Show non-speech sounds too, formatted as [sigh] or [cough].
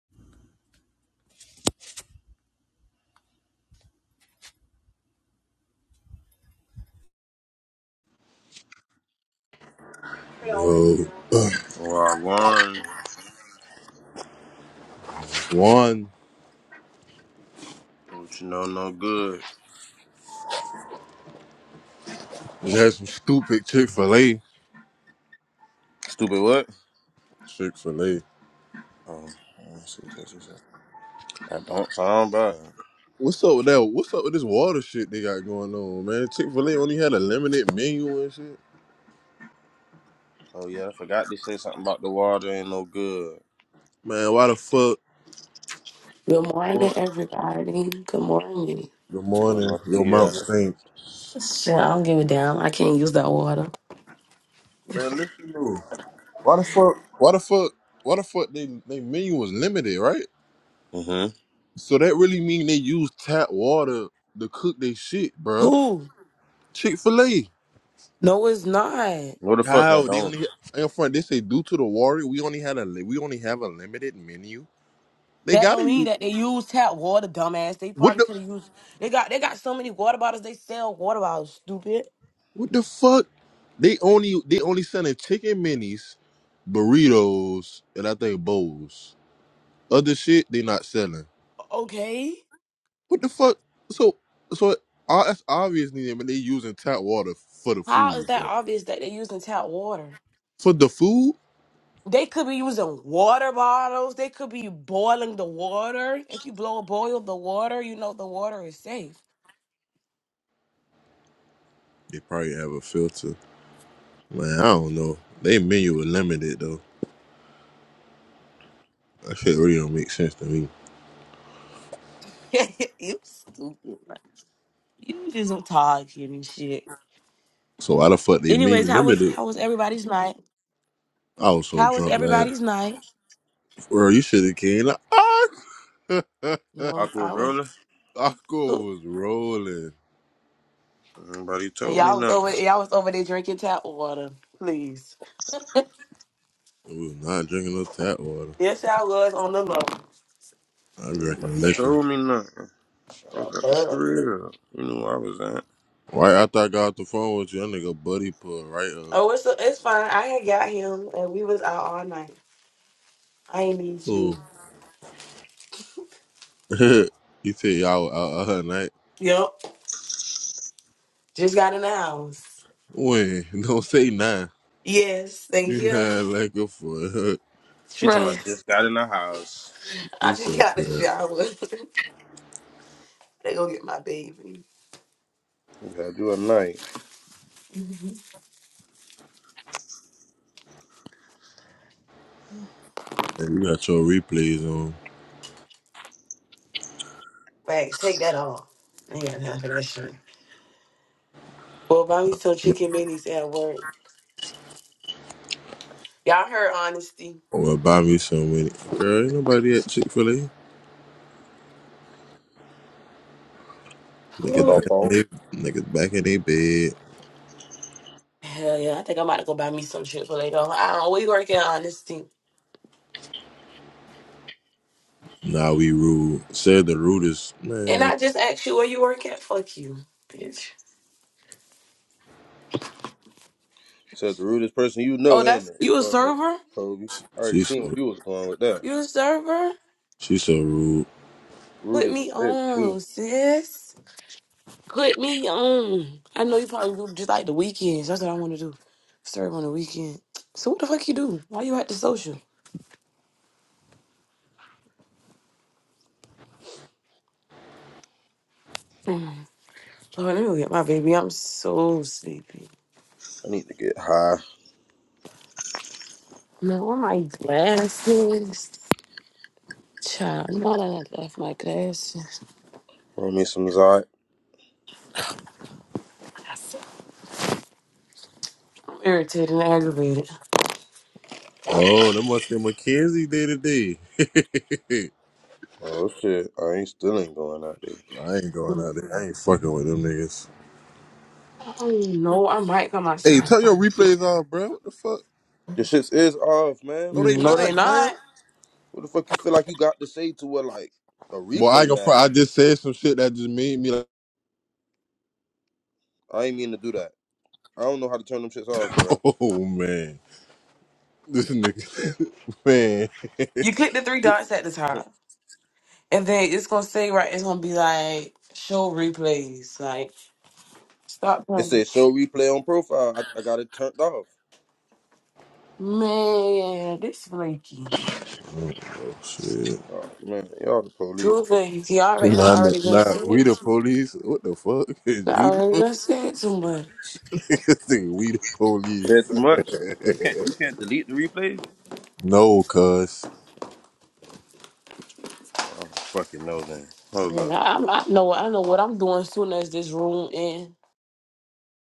Uh, Well, Lauren, one what you know, no good. just had some stupid Chick Fil A. Stupid what? Chick Fil A. Oh, let's see, let's see, let's see. I don't sound bad. What's up with that? What's up with this water shit they got going on, man? Chick Fil A only had a limited menu and shit. Oh yeah, I forgot to say something about the water ain't no good. Man, why the fuck? Good Well, morning, everybody. Good morning. good morning. Buenos Your mouth dias. stink. Shit, I don't give a damn. I can't use that water. Man, listen to why the fuck? Why the fuck? Why the fuck? They they menu was limited, right? Mhm. So that really mean they use tap water to cook their shit, bruh. Who? Chick Fil A. No, it's not. What the fuck that How they don't? only in front. They say due to the warrior, we only had a li- we only have a limited menu. They That gotta don't mean u- that they use tap water, dumbass. They what probably the could have used. They got they got so many water bottles. They sell water bottles. Stupid. what the fuck? They only they only selling chicken minis, burritos, and I think bowls. Other shit they not selling. Okay. What the fuck? So so uh, that's obviously I mean, they using tap water for the food, How is that bro. obvious that they're using tap water? For the food, They could be using water bottles. They could be boiling the water. If you blow a boil the water, you know the water is safe. they probably have a filter. Man, I don't know. They menu is limited though. That shit really don't make sense to me. [laughs] you stupid. man. You just talking and shit. So why the fuck they Anyways, menu how was limited? how was everybody's night? I was so How was drunk last. everybody's night? Bro, you should have came. Like, ah! [laughs] No, Aqua I was Roller? Aqua who was rolling. Nobody and told me y'all was nothing. over y'all was over there drinking tap water. Please. We was not drinking no tap water. Yes, I was on the low. I'm drinking Nobody liquor. told me nothing. I No, was at the but- crib. You knew where I was at. Right after I got off the phone with you, that nigga buddy pulled right up. Oh, it's it's fine. I had got him and we was out all night. I ain't need you. Ooh. [laughs] he said y'all were out all night. Yep. Just got in the house. When? [laughs] Don't say nah. Yes, thank You you. not like a fool. [laughs] She told me I Trust. just got in the house. [laughs] You I just so got the crap. shower. [laughs] they go get my baby. We had you at night. And you got your replays on. Thanks. Take that off. I ain't got time for that shit. Well, buy me some chicken minis at work. Y'all heard honesty. Or buy me some with it. Girl, ain't nobody at Chick fil A. [gasps] What Niggas no Ooh. back in fault. they niggas back in their bed. Hell yeah, I think I'm about to go buy me some Chick Fil A though. I don't. We work at honesty, Nah, we rude. Said the rudest and man. I just asked you where you work at. Fuck you, bitch. Said the rudest person you Oh, know, ain't that's it, you a uh, server? Kobe? I already She's seen where so you was going with that. You a server? she so rude. Rude Put as me a bitch, too. on, sis. Put me on. I know you probably do just like the weekends. That's what I want to do. Serve on the weekend. So what the fuck you do? Why you at the social? Mm. Lord, let me go get my baby. I'm so sleepy. I need to get high. Man, where my glasses? Child, now that I left my glasses, Roll me some Zyde. I'm irritated and aggravated. Oh, that must be Mackenzie day to day. [laughs] Oh shit, I ain't still ain't going out there. I ain't going I out there. I ain't fucking with them niggas. don't even know. I might come Hey, outside. turn your replays off, bro. What the fuck? Your shits is off, man. No, they What the No, they not, fuck you? fam. not. What the fuck you feel like you got to say to what like a Boy, I ain't replay gonna. fr- matter? I just said some shit that just made me like, I ain't mean to do that. I don't know how to turn them shits off, [laughs] bro. oh man, this nigga, [laughs] man. You click the three dots at the [laughs] top, and then it's gonna say right. It's gonna be like show replays. Like stop It playing. says show replay on profile. I, I got it turned off. Man, this flaky. Oh, shit. Oh man, y'all the police. Two things. He already and I Nah, nah, already done nah, said. we the To, police. What the fuck [laughs] is I you? the already police? done said too much. [laughs] This nigga, we the Said too much. You police. can't [laughs] you can't delete the replays. No, cuz. Well, I don't fucking know then. Hold Man, up. I, I know. I know what I'm doing soon as this room ends.